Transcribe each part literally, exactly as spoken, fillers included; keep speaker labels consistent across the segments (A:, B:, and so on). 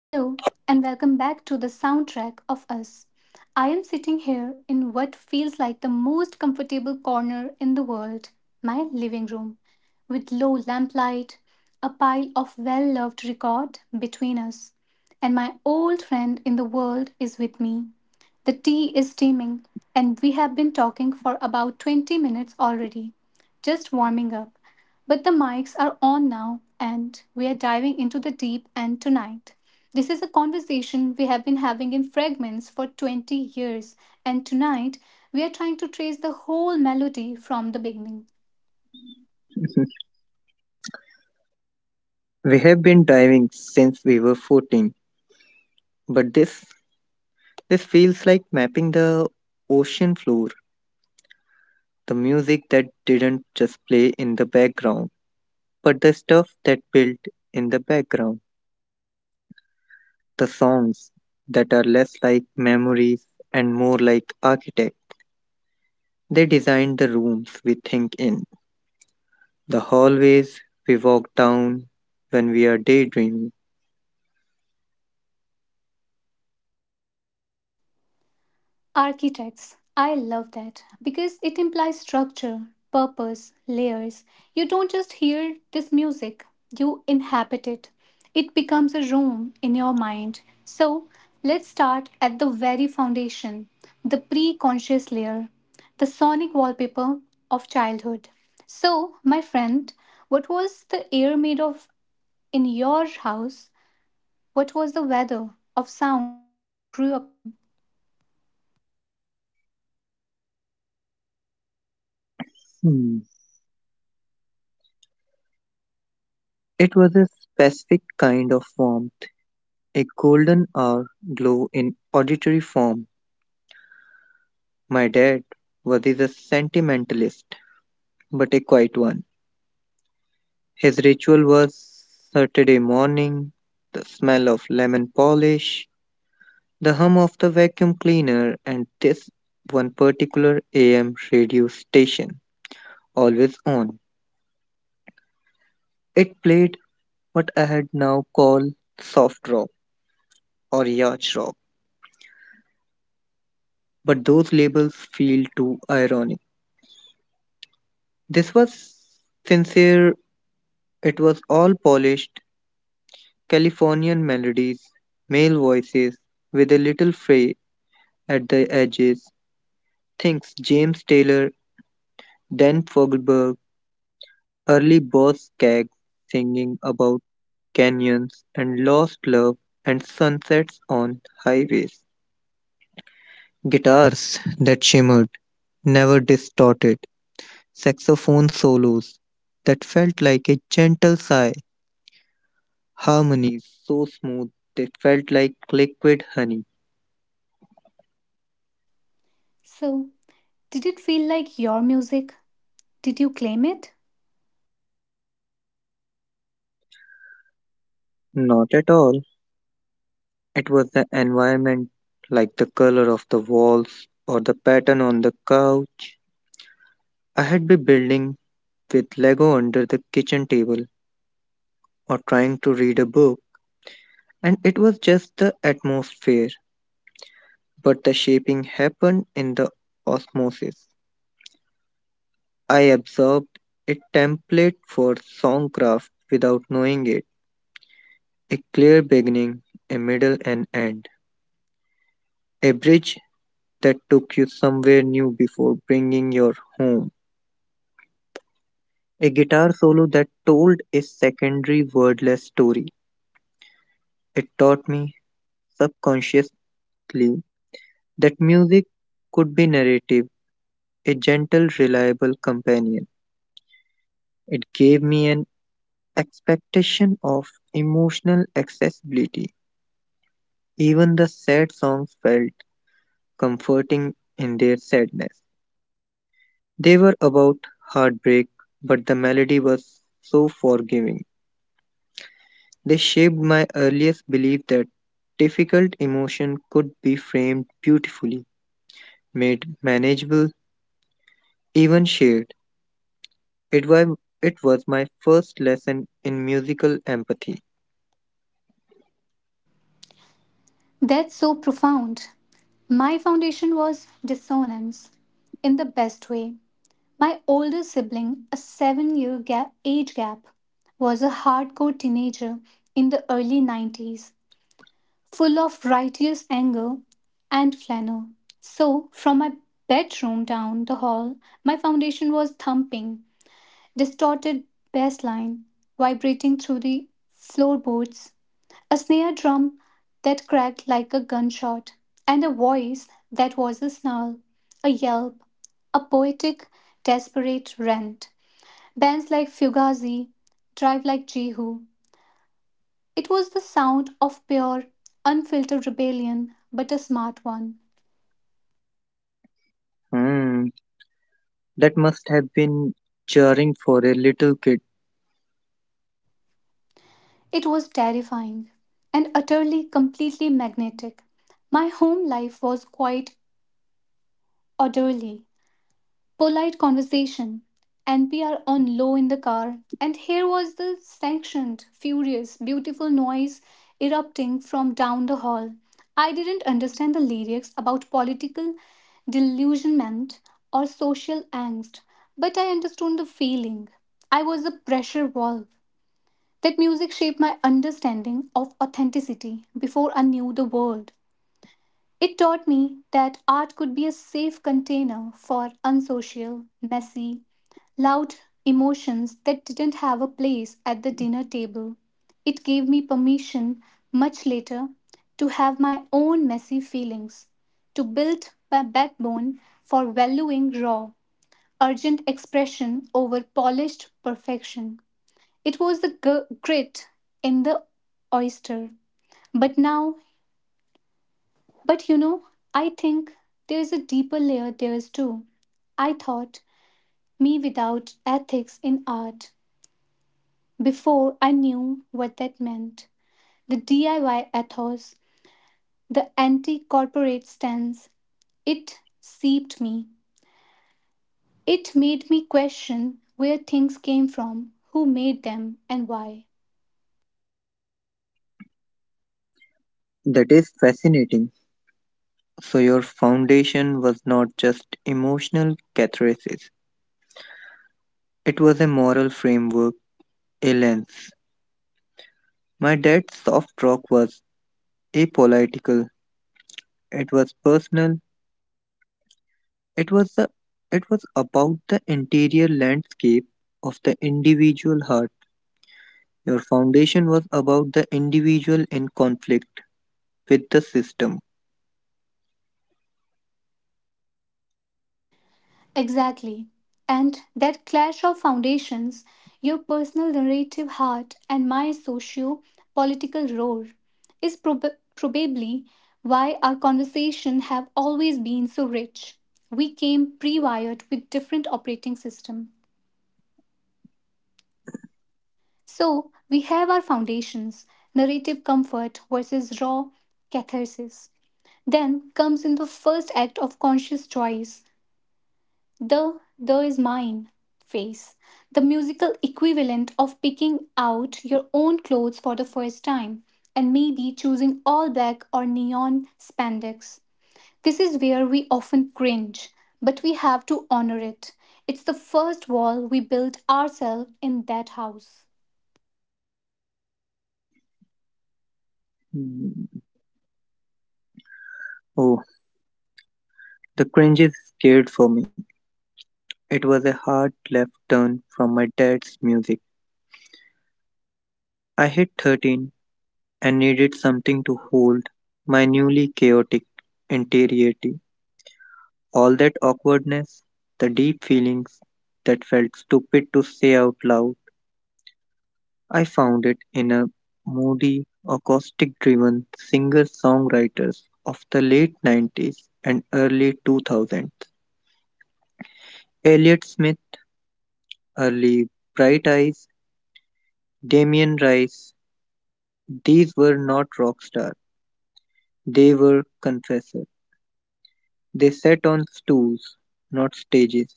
A: Hello, and welcome back to The Soundtrack of Us. I am sitting here in what feels like the most comfortable corner in the world, my living room, with low lamplight, a pile of well loved record between us, and my old friend in the world is with me. The tea is steaming, and we have been talking for about twenty minutes already, just warming up. But the mics are on now, and we are diving into the deep end tonight. This is a conversation we have been having in fragments for twenty years, and tonight we are trying to trace the whole melody from the beginning.
B: We have been diving since we were fourteen, but this this feels like mapping the ocean floor, the music that didn't just play in the background, but the stuff that built in the background, the songs that are less like memories and more like architects. They designed the rooms we think in, the hallways we walk down when we are daydreaming.
A: Architects. I love that because it implies structure, purpose, layers. You don't just hear this music, you inhabit it. It becomes a room in your mind. So let's start at the very foundation, the pre conscious layer, the sonic wallpaper of childhood. So, my friend, what was the air made of in your house? What was the weather of sound you grew up in?
B: Hmm. It was a specific kind of warmth, a golden hour glow in auditory form. My dad was a sentimentalist, but a quiet one. His ritual was Saturday morning, the smell of lemon polish, the hum of the vacuum cleaner, and this one particular A M radio station, always on. It played what I had now called soft rock or yacht rock, but those labels feel too ironic. This was sincere. It was all polished Californian melodies, male voices, with a little fray at the edges, thinks James Taylor, Dan Fogelberg, early Boz Scaggs singing about canyons and lost love and sunsets on highways. Guitars that shimmered, never distorted, saxophone solos that felt like a gentle sigh, harmonies so smooth they felt like liquid honey.
A: So, did it feel like your music? Did you claim it?
B: Not at all. It was the environment, like the color of the walls or the pattern on the couch. I had been building with Lego under the kitchen table or trying to read a book, and it was just the atmosphere. But the shaping happened in the osmosis. I absorbed a template for songcraft without knowing it, a clear beginning, a middle, and end, a bridge that took you somewhere new before bringing you home. A guitar solo that told a secondary wordless story. It taught me subconsciously that music could be narrative, a gentle, reliable companion. It gave me an expectation of emotional accessibility. Even the sad songs felt comforting in their sadness. They were about heartbreak, but the melody was so forgiving. They shaped my earliest belief that difficult emotion could be framed beautifully, made manageable, even shared. It was, it was my first lesson in musical empathy.
A: That's so profound. My foundation was dissonance in the best way. My older sibling, a seven year gap, age gap, was a hardcore teenager in the early nineties, full of righteous anger and flannel. So, from my bedroom down the hall, my foundation was thumping, distorted bass line vibrating through the floorboards, a snare drum that cracked like a gunshot, and a voice that was a snarl, a yelp, a poetic, desperate rant. Bands like Fugazi, Drive Like Jehu. It was the sound of pure, unfiltered rebellion, but a smart one.
B: Hmm, that must have been jarring for a little kid.
A: It was terrifying and utterly, completely magnetic. My home life was quite orderly. Polite conversation, N P R on low in the car, and here was the sanctioned, furious, beautiful noise erupting from down the hall. I didn't understand the lyrics about political delusionment or social angst, but I understood the feeling. I was a pressure valve. That music shaped my understanding of authenticity before I knew the word. It taught me that art could be a safe container for unsocial, messy, loud emotions that didn't have a place at the dinner table. It gave me permission, much later, to have my own messy feelings, to build my backbone for valuing raw, urgent expression over polished perfection. It was the g- grit in the oyster. But now but you know, I think there's a deeper layer there is too. I thought me without ethics in art before I knew what that meant. The D I Y ethos, the anti corporate stance, it seeped me. It made me question where things came from, who made them, and why.
B: That is fascinating. So, your foundation was not just emotional catharsis, it was a moral framework, a lens. My dad's soft rock was apolitical, it was personal. It was the it was about the interior landscape of the individual heart. Your foundation was about the individual in conflict with the system.
A: Exactly. And that clash of foundations, your personal narrative heart and my socio political roar, is prob- probably why our conversation have always been so rich. We came pre-wired with different operating system. So we have our foundations, narrative comfort versus raw catharsis. Then comes in the first act of conscious choice, The the is mine phase, the musical equivalent of picking out your own clothes for the first time and maybe choosing all black or neon spandex. This is where we often cringe, but we have to honor it. It's the first wall we built ourselves in that house.
B: Mm. Oh, the cringes scared for me. It was a hard left turn from my dad's music. I hit thirteen and needed something to hold my newly chaotic interiority. All that awkwardness, the deep feelings that felt stupid to say out loud, I found it in a moody, acoustic driven singer songwriters of the late nineties and early two thousands. Elliott Smith, early Bright Eyes, Damien Rice, these were not rock stars, they were confessors. They sat on stools, not stages.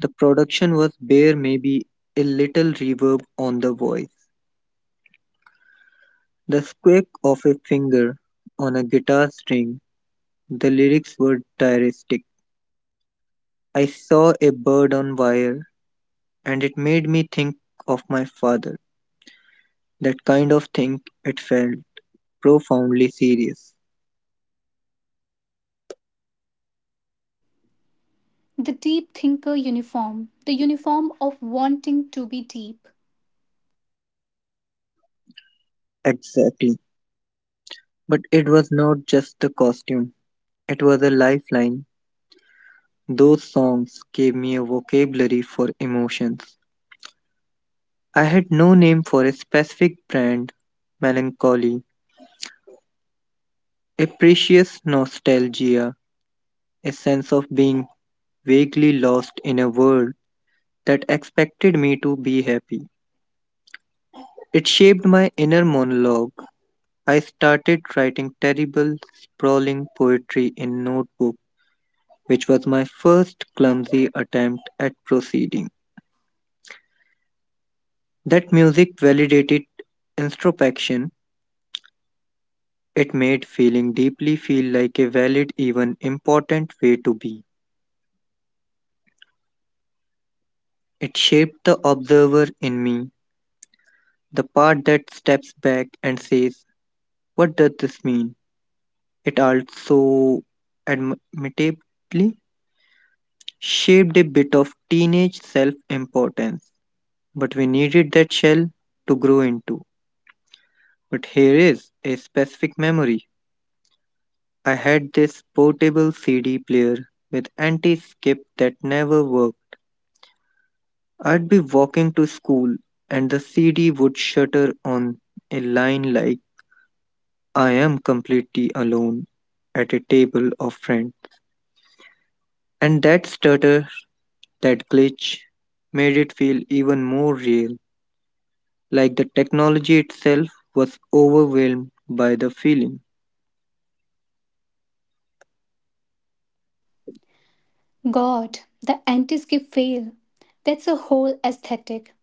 B: The production was bare, maybe a little reverb on the voice, the squeak of a finger on a guitar string. The lyrics were diaristic. I saw a bird on wire and it made me think of my father. That kind of thing, it felt profoundly serious.
A: The deep thinker uniform, the uniform of wanting to be deep.
B: Exactly. But it was not just the costume, it was a lifeline. Those songs gave me a vocabulary for emotions. I had no name for a specific brand melancholy, a precious nostalgia, a sense of being vaguely lost in a world that expected me to be happy. It shaped my inner monologue. I started writing terrible, sprawling poetry in notebook, which was my first clumsy attempt at proceeding. That music validated introspection. It made feeling deeply feel like a valid, even important way to be. It shaped the observer in me, the part that steps back and says, what does this mean? It also, admittedly, shaped a bit of teenage self importance, but we needed that shell to grow into. But here is a specific memory. I had this portable C D player with anti skip that never worked. I'd be walking to school and the C D would shudder on a line like, I am completely alone at a table of friends. And that stutter, that glitch, made it feel even more real, like the technology itself was overwhelmed by the feeling.
A: God, the anti skip fail. That's a whole aesthetic.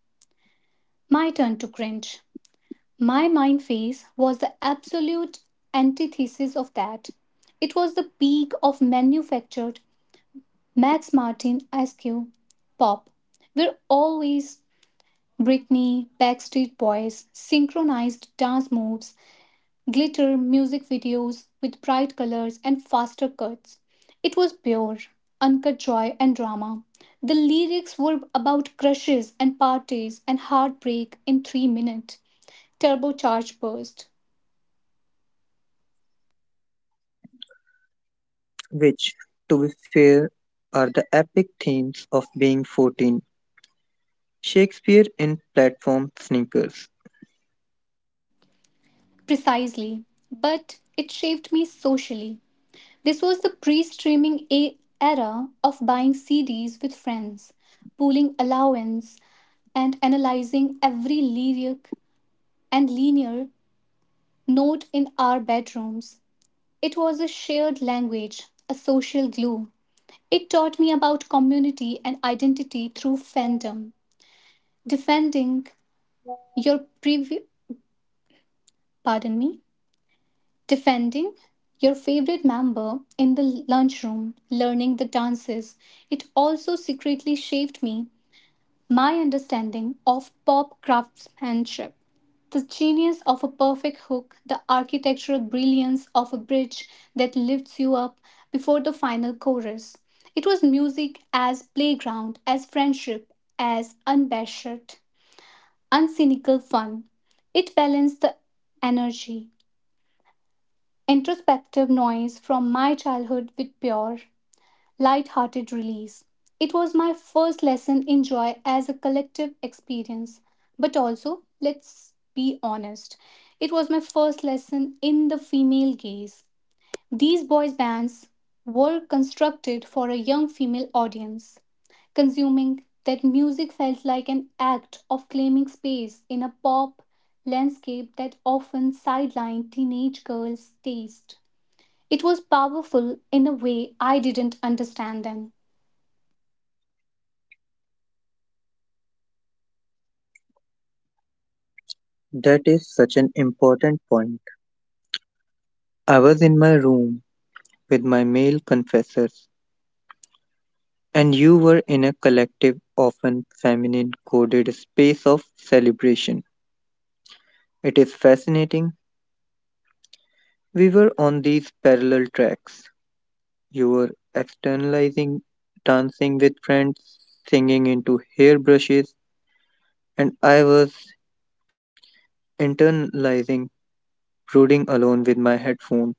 A: My turn to cringe. My mind phase was the absolute antithesis of that. It was the peak of manufactured Max Martin S Q pop, where always Britney, Backstreet Boys, synchronized dance moves, glitter music videos with bright colors and faster cuts. It was pure, uncut joy and drama. The lyrics were about crushes and parties and heartbreak in three minutes. Turbocharged burst.
B: Which, to be fair, are the epic themes of being fourteen. Shakespeare in platform sneakers.
A: Precisely. But it shaped me socially. This was the pre streaming a- era of buying C Ds with friends, pooling allowance, and analyzing every lyric and linear note in our bedrooms. It was a shared language, a social glue. It taught me about community and identity through fandom. Defending your previous. Pardon me. Defending your favorite member in the lunchroom, learning the dances. It also secretly shaped me, my understanding of pop craftsmanship. The genius of a perfect hook, the architectural brilliance of a bridge that lifts you up before the final chorus. It was music as playground, as friendship, as unbashed, uncynical fun. It balanced the energy, introspective noise from my childhood with pure, light-hearted release. It was my first lesson in joy as a collective experience, but also, let's be honest, it was my first lesson in the female gaze. These boys' bands were constructed for a young female audience. Consuming that music felt like an act of claiming space in a pop landscape that often sidelined teenage girls' taste. It was powerful in a way I didn't understand then.
B: That is such an important point. I was in my room with my male confessors, and you were in a collective, often feminine coded space of celebration. It is fascinating. We were on these parallel tracks. You were externalizing, dancing with friends, singing into hairbrushes, and I was internalizing, brooding alone with my headphone,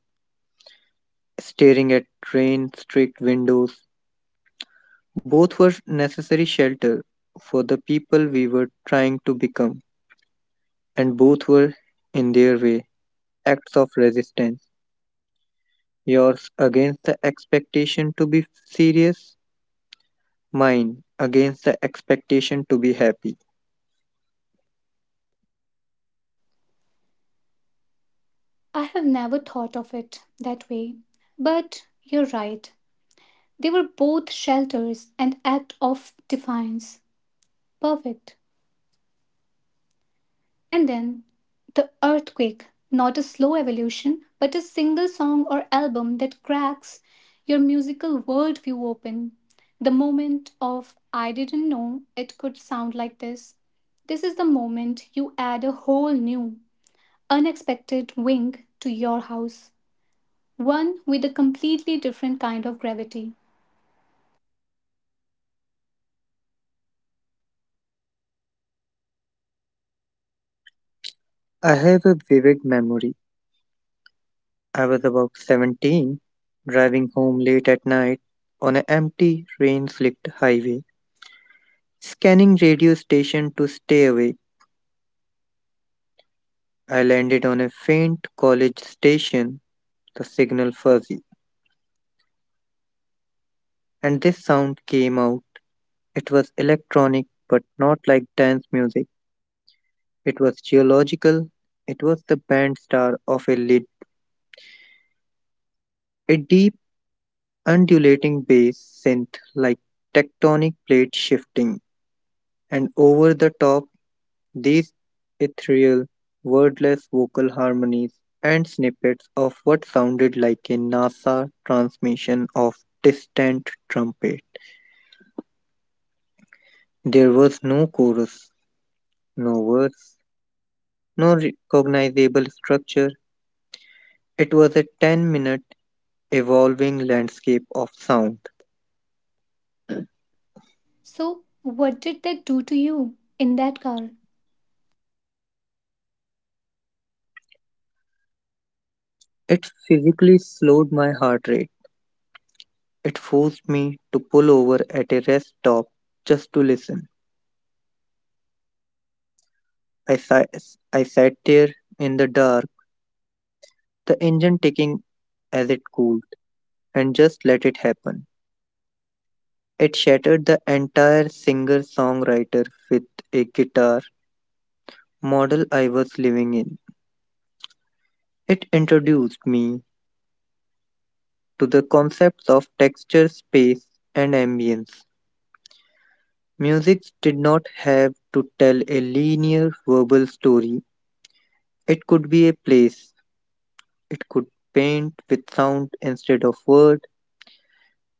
B: staring at rain streaked windows. Both were necessary shelter for the people we were trying to become, and both were, in their way, acts of resistance, yours against the expectation to be serious, mine against the expectation to be happy.
A: I have never thought of it that way. But you're right. They were both shelters and act of defiance. Perfect. And then the earthquake, not a slow evolution, but a single song or album that cracks your musical worldview open. The moment of I didn't know it could sound like this. This is the moment you add a whole new unexpected wing to your house, one with a completely different kind of gravity.
B: I have a vivid memory. I was about seventeen, driving home late at night on an empty, rain slicked highway, scanning radio station to stay away. I landed on a faint college station, the signal fuzzy, and this sound came out. It was electronic, but not like dance music. It was geological. It was the band star of a lid, a deep, undulating bass synth like tectonic plate shifting, and over the top, these ethereal, wordless vocal harmonies and snippets of what sounded like a NASA transmission of distant trumpet. There was no chorus, no verse, no recognizable structure. It was a ten minute evolving landscape of sound.
A: So, what did that do to you in that car?
B: It physically slowed my heart rate. It forced me to pull over at a rest stop just to listen. I, si- I sat there in the dark, the engine ticking as it cooled, and just let it happen. It shattered the entire singer songwriter with a guitar model I was living in. It introduced me to the concepts of texture, space, and ambience. Music did not have to tell a linear verbal story, it could be a place, it could paint with sound instead of words.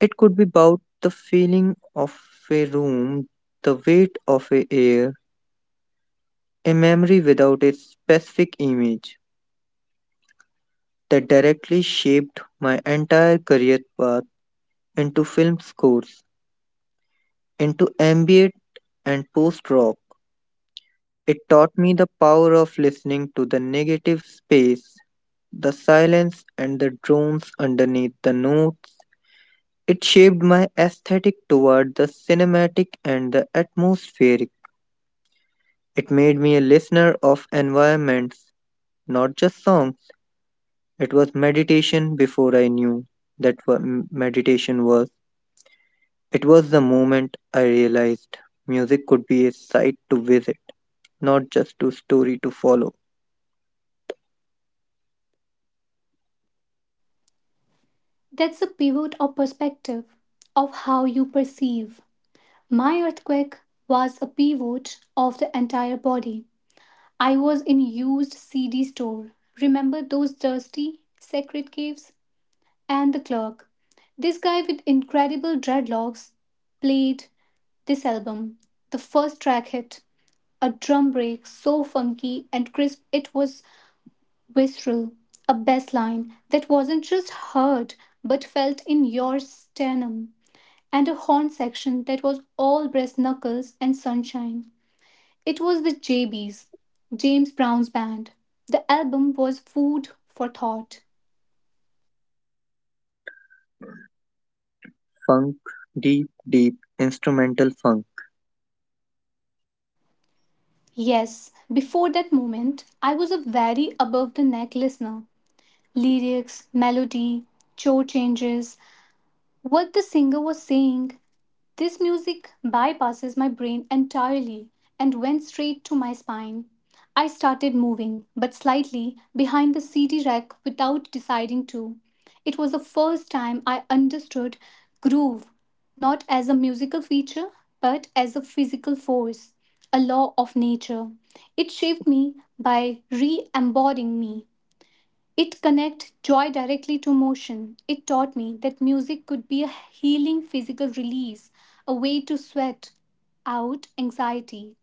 B: It could be about the feeling of a room, the weight of a air, a memory without a specific image that directly shaped my entire career path into film scores, into ambient and post rock. It taught me the power of listening to the negative space, the silence, and the drones underneath the notes. It shaped my aesthetic toward the cinematic and the atmospheric. It made me a listener of environments, not just songs. It was meditation before I knew that wa- m- meditation was. It was the moment I realized music could be a site to visit, not just a story to follow.
A: That's a pivot of perspective of how you perceive. My earthquake was a pivot of the entire body. I was in used C D store. Remember those dusty secret caves and the clerk. This guy with incredible dreadlocks played this album. The first track hit. A drum break so funky and crisp it was visceral. A bass line that wasn't just heard but felt in your sternum. And a horn section that was all brass knuckles and sunshine. It was the J Bs, James Brown's band. The album was Food for Thought.
B: Funk, deep, deep, instrumental funk.
A: Yes, before that moment, I was a very above the neck listener. Lyrics, melody, chord changes, what the singer was saying, this music bypasses my brain entirely and went straight to my spine. I started moving, but slightly, behind the C D rack without deciding to. It was the first time I understood groove, not as a musical feature, but as a physical force, a law of nature. It shaped me by re embodying me. It connects joy directly to motion. It taught me that music could be a healing physical release, a way to sweat out anxiety,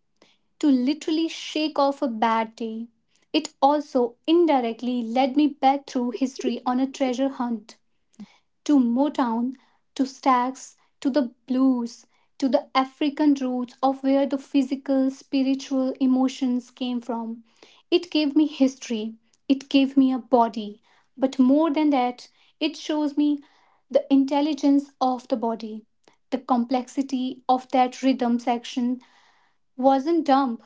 A: to literally shake off a bad day. It also indirectly led me back through history on a treasure hunt to Motown, to Stax, to the blues, to the African roots of where the physical, spiritual emotions came from. It gave me history, it gave me a body, but more than that, it shows me the intelligence of the body. The complexity of that rhythm section wasn't dumb,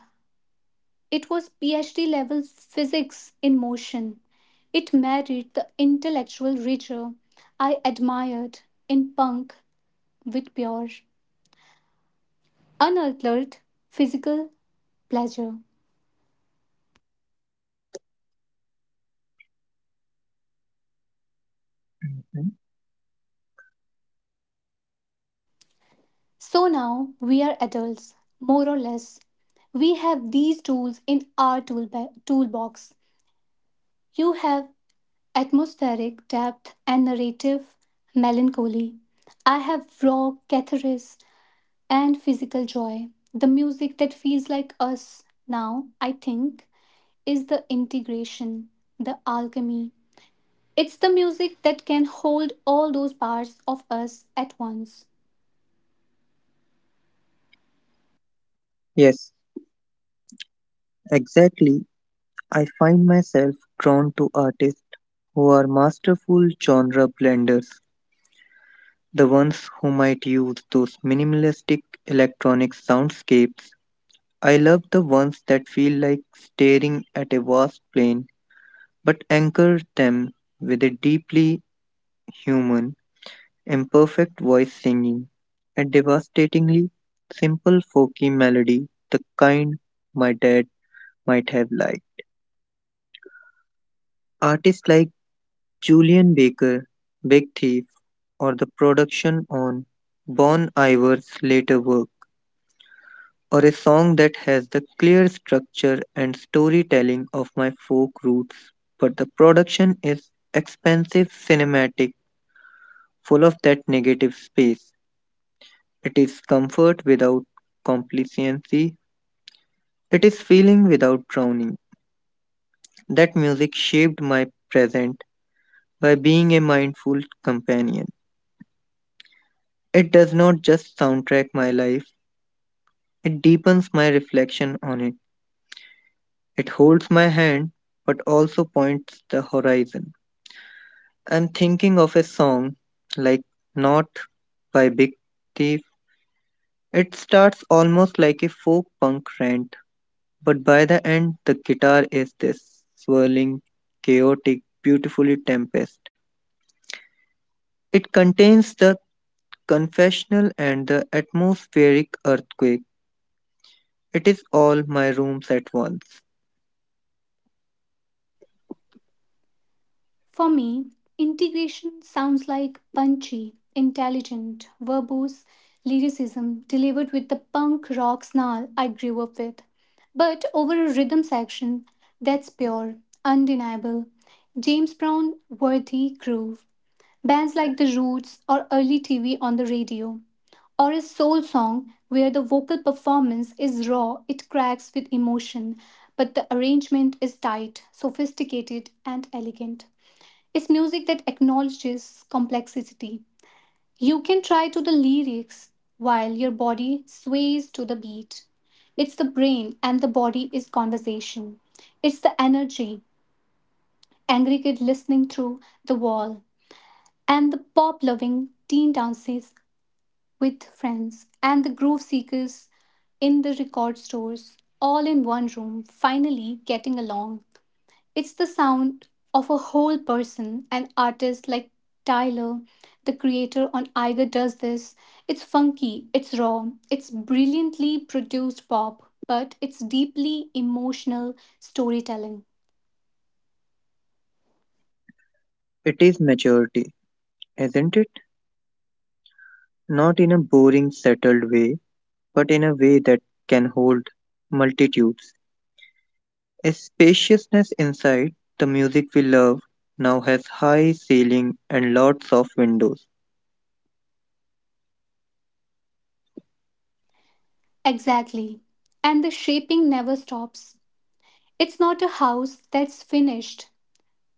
A: it was PhD level physics in motion. It married the intellectual rigor I admired in punk with pure, unearthed physical pleasure.
B: Mhm.
A: So now we are adults, more or less. We have these tools in our toolba- toolbox. You have atmospheric depth and narrative melancholy. I have raw catharsis and physical joy. The music that feels like us now, I think, is the integration, the alchemy. It's the music that can hold all those parts of us at once.
B: Yes, exactly. I find myself drawn to artists who are masterful genre blenders. The ones who might use those minimalistic electronic soundscapes. I love the ones that feel like staring at a vast plain but anchor them with a deeply human, imperfect voice singing a devastatingly simple folky melody, the kind my dad might have liked. Artists like Julian Baker, Big Thief, or the production on Bon Iver's later work, or a song that has the clear structure and storytelling of my folk roots, but the production is expensive, cinematic, full of that negative space. It is comfort without complacency, it is feeling without drowning. That music shaped my present by being a mindful companion. It does not just soundtrack my life, it deepens my reflection on it. It holds my hand but also points the horizon. I'm thinking of a song like Not by Big Thief. It starts almost like a folk punk rant, but by the end, the guitar is this swirling, chaotic, beautifully tempest. It contains the confessional and the atmospheric earthquake. It is all my rooms at once.
A: For me, integration sounds like punchy, intelligent, verbose lyricism delivered with the punk rock snarl I grew up with, but over a rhythm section that's pure, undeniable, James Brown worthy groove. Bands like The Roots or early T V on the Radio, or a soul song where the vocal performance is raw, it cracks with emotion, but the arrangement is tight, sophisticated, and elegant. It's music that acknowledges complexity. You can try to the lyrics while your body sways to the beat. It's the brain and the body is conversation. It's the energy, angry kid listening through the wall, and the pop loving teen dances with friends, and the groove seekers in the record stores, all in one room, finally getting along. It's the sound of a whole person, an artist like Tyler, the Creator on Iger Does This. It's funky, it's raw, it's brilliantly produced pop, but it's deeply emotional storytelling.
B: It is maturity, isn't it? Not in a boring, settled way, but in a way that can hold multitudes. A spaciousness inside the music we love now has high ceiling and lots of windows.
A: Exactly. And the shaping never stops. It's not a house that's finished.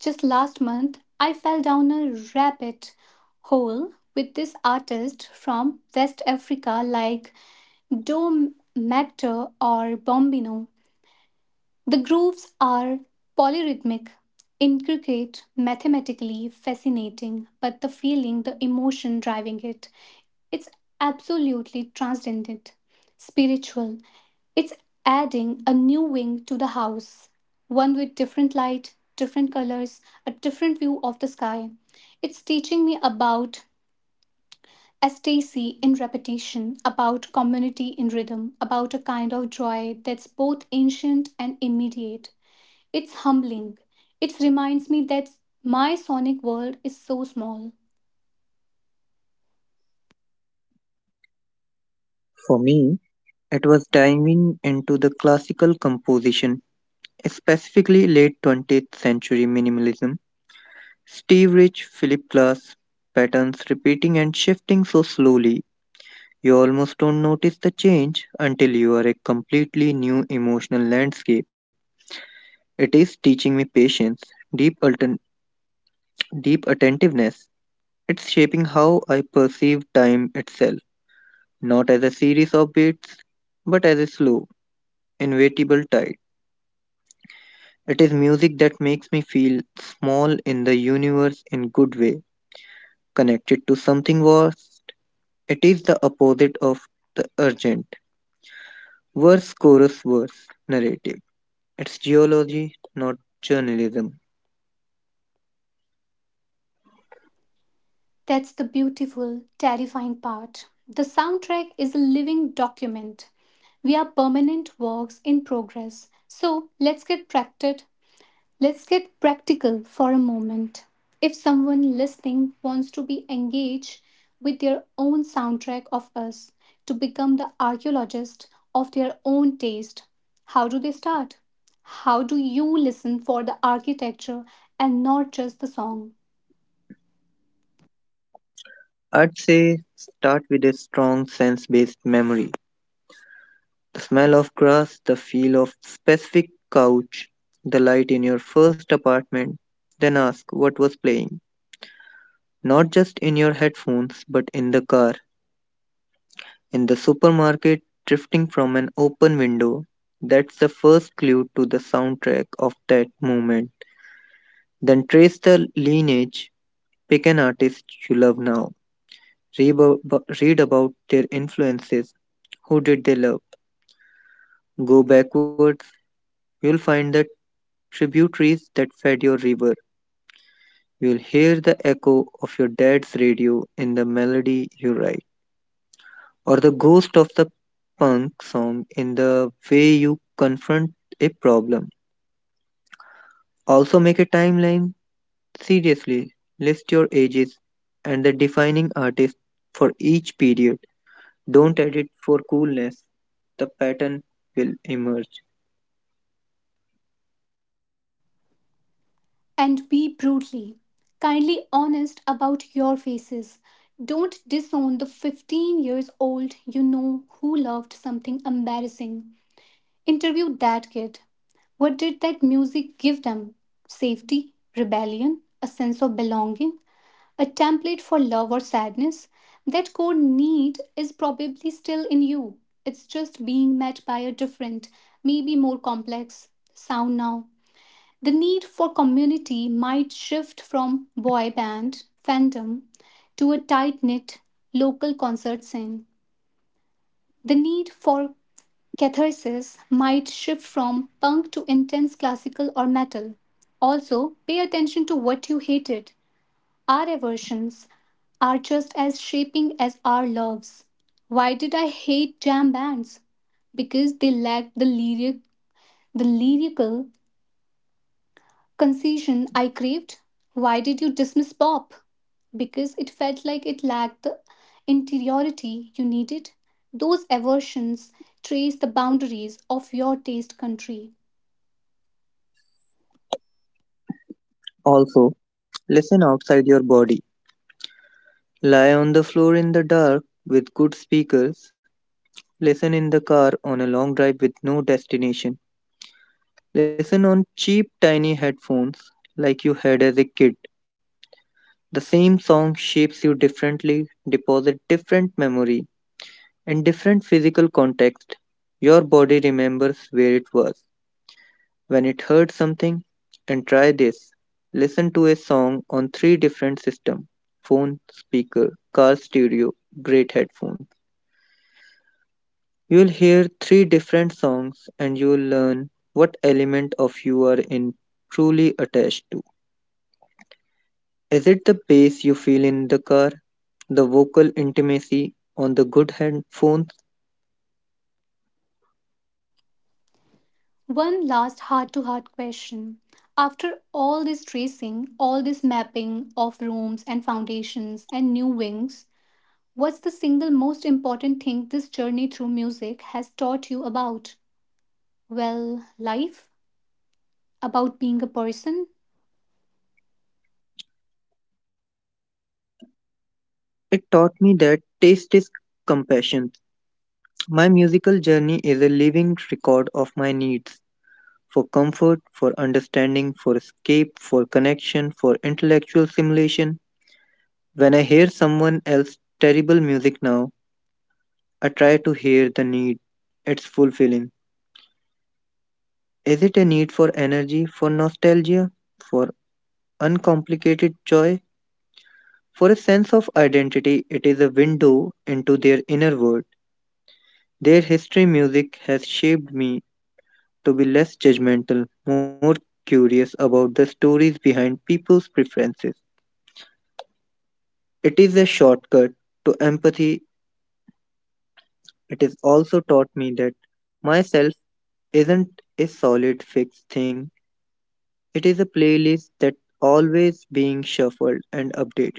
A: Just last month, I fell down a rabbit hole with this artist from West Africa like Do Mactor or Bombino. The grooves are polyrhythmic, intricate, mathematically fascinating, but the feeling, the emotion driving it, it's absolutely transcendent, spiritual. It's adding a new wing to the house, one with different light, different colors, a different view of the sky. It's teaching me about ecstasy in repetition, about community in rhythm, about a kind of joy that's both ancient and immediate. It's humbling. It reminds me that my sonic world is so small.
B: For me, it was diving into the classical composition specifically late twentieth century minimalism, Steve Rich, Philip Glass, patterns repeating and shifting so slowly you almost don't notice the change until you are a completely new emotional landscape. It is teaching me patience, deep, alten- deep attentiveness. It's shaping how I perceive time itself, not as a series of beats, but as a slow, inevitable tide. It is music that makes me feel small in the universe in good way, connected to something vast. It is the opposite of the urgent, verse chorus verse narrative. It's geology, not journalism.
A: That's the beautiful, terrifying part. The soundtrack is a living document. We are permanent works in progress. So let's get practical. Let's get practical for a moment. If someone listening wants to be engaged with their own soundtrack of us, to become the archaeologist of their own taste, how do they start? How do you listen for the architecture and not just the song?
B: I'd say start with a strong sense based memory. The smell of grass, the feel of specific couch, the light in your first apartment. Then ask what was playing, not just in your headphones, but in the car, in the supermarket, drifting from an open window. That's the first clue to the soundtrack of that moment. Then trace the lineage, pick an artist you love now, read, abo- read about their influences, who did they love. Go backwards, you'll find the tributaries that fed your river. You'll hear the echo of your dad's radio in the melody you write, or the ghost of the punk song in the way you confront a problem. Also, make a timeline seriously. List your ages and the defining artist for each period. Don't edit for coolness, the pattern will emerge.
A: And be brutally, kindly honest about your faces. Don't disown the fifteen years old you know who loved something embarrassing. Interview that kid. What did that music give them? Safety, rebellion, a sense of belonging, a template for love or sadness? That core need is probably still in you. It's just being met by a different, maybe more complex sound now. The need for community might shift from boy band fandom to a tight knit local concert scene. The need for catharsis might shift from punk to intense classical or metal. Also, pay attention to what you hated. Our aversions are just as shaping as our loves. Why did I hate jam bands? Because they lacked the lyric, the lyrical concession I craved. Why did you dismiss Bob? Because it felt like it lacked the interiority you needed. Those aversions trace the boundaries of your taste country.
B: Also, listen outside your body. Lie on the floor in the dark with good speakers. Listen in the car on a long drive with no destination. Listen on cheap, tiny headphones like you had as a kid. The same song shapes you differently, deposit different memory in different physical context, your body remembers where it was when it heard something. And try this, listen to a song on three different systems, phone, speaker, car stereo, great headphones. You'll hear three different songs and you'll learn what element of you are in truly attached to. Is it the bass you feel in the car? The vocal intimacy on the good headphones?
A: One last heart to heart question. After all this tracing, all this mapping of rooms and foundations and new wings, what's the single most important thing this journey through music has taught you about? Well, life? About being a person?
B: It taught me that taste is compassion. My musical journey is a living record of my needs for comfort, for understanding, for escape, for connection, for intellectual stimulation. When I hear someone else's terrible music now, I try to hear the need. It's fulfilling. Is it a need for energy, for nostalgia, for uncomplicated joy? For a sense of identity, it is a window into their inner world. Their history music has shaped me to be less judgmental, more curious about the stories behind people's preferences. It is a shortcut to empathy. It has also taught me that myself isn't a solid fixed thing. It is a playlist that always being shuffled and updated,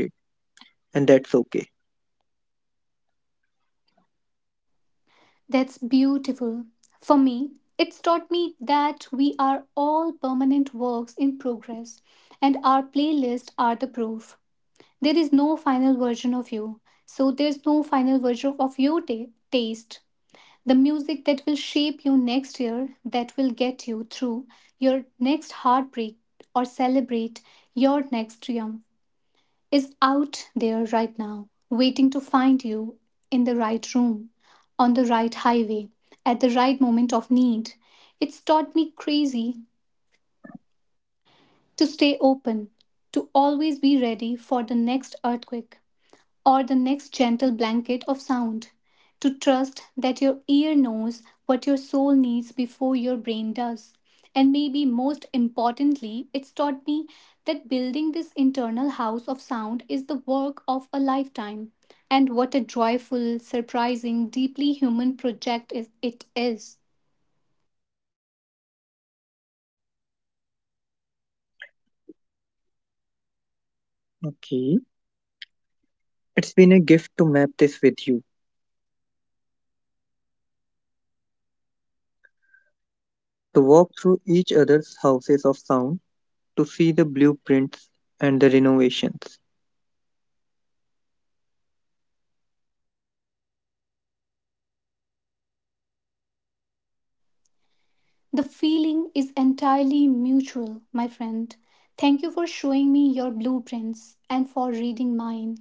B: and that's okay.
A: That's beautiful. For me, it's taught me that we are all permanent works in progress, and our playlists are the proof. There is no final version of you, so there's no final version of your ta- taste. The music that will shape you next year, that will get you through your next heartbreak or celebrate your next triumph is out there right now, waiting to find you in the right room, on the right highway, at the right moment of need. It's taught me crazy to stay open, to always be ready for the next earthquake, or the next gentle blanket of sound. To trust that your ear knows what your soul needs before your brain does. And maybe most importantly, it's taught me that building this internal house of sound is the work of a lifetime. And what a joyful, surprising, deeply human project is, it is.
B: Okay. It's been a gift to map this with you, to walk through each other's houses of sound, to see the blueprints and the renovations.
A: The feeling is entirely mutual, my friend. Thank you for showing me your blueprints and for reading mine.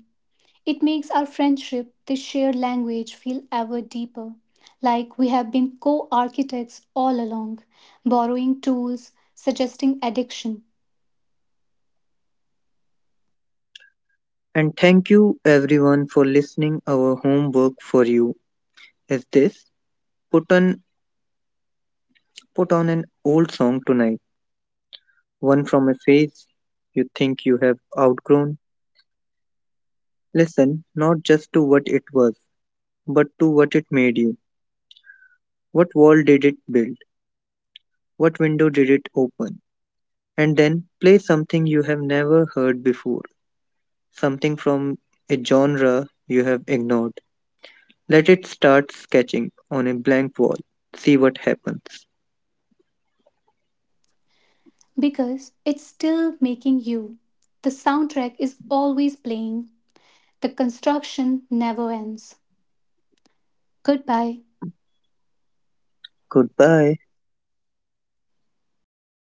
A: It makes our friendship, this shared language, feel ever deeper, like we have been co architects all along, borrowing tools, suggesting addiction,
B: And thank you everyone for listening. Our homework for you is this. Put on Put on an old song tonight, one from a phase you think you have outgrown. Listen not just to what it was, but to what it made you. What wall did it build? What window did it open? And then play something you have never heard before, something from a genre you have ignored. Let it start sketching on a blank wall. See what happens.
A: because it's still making you. The soundtrack is always playing, the construction never ends. Goodbye.
B: Goodbye.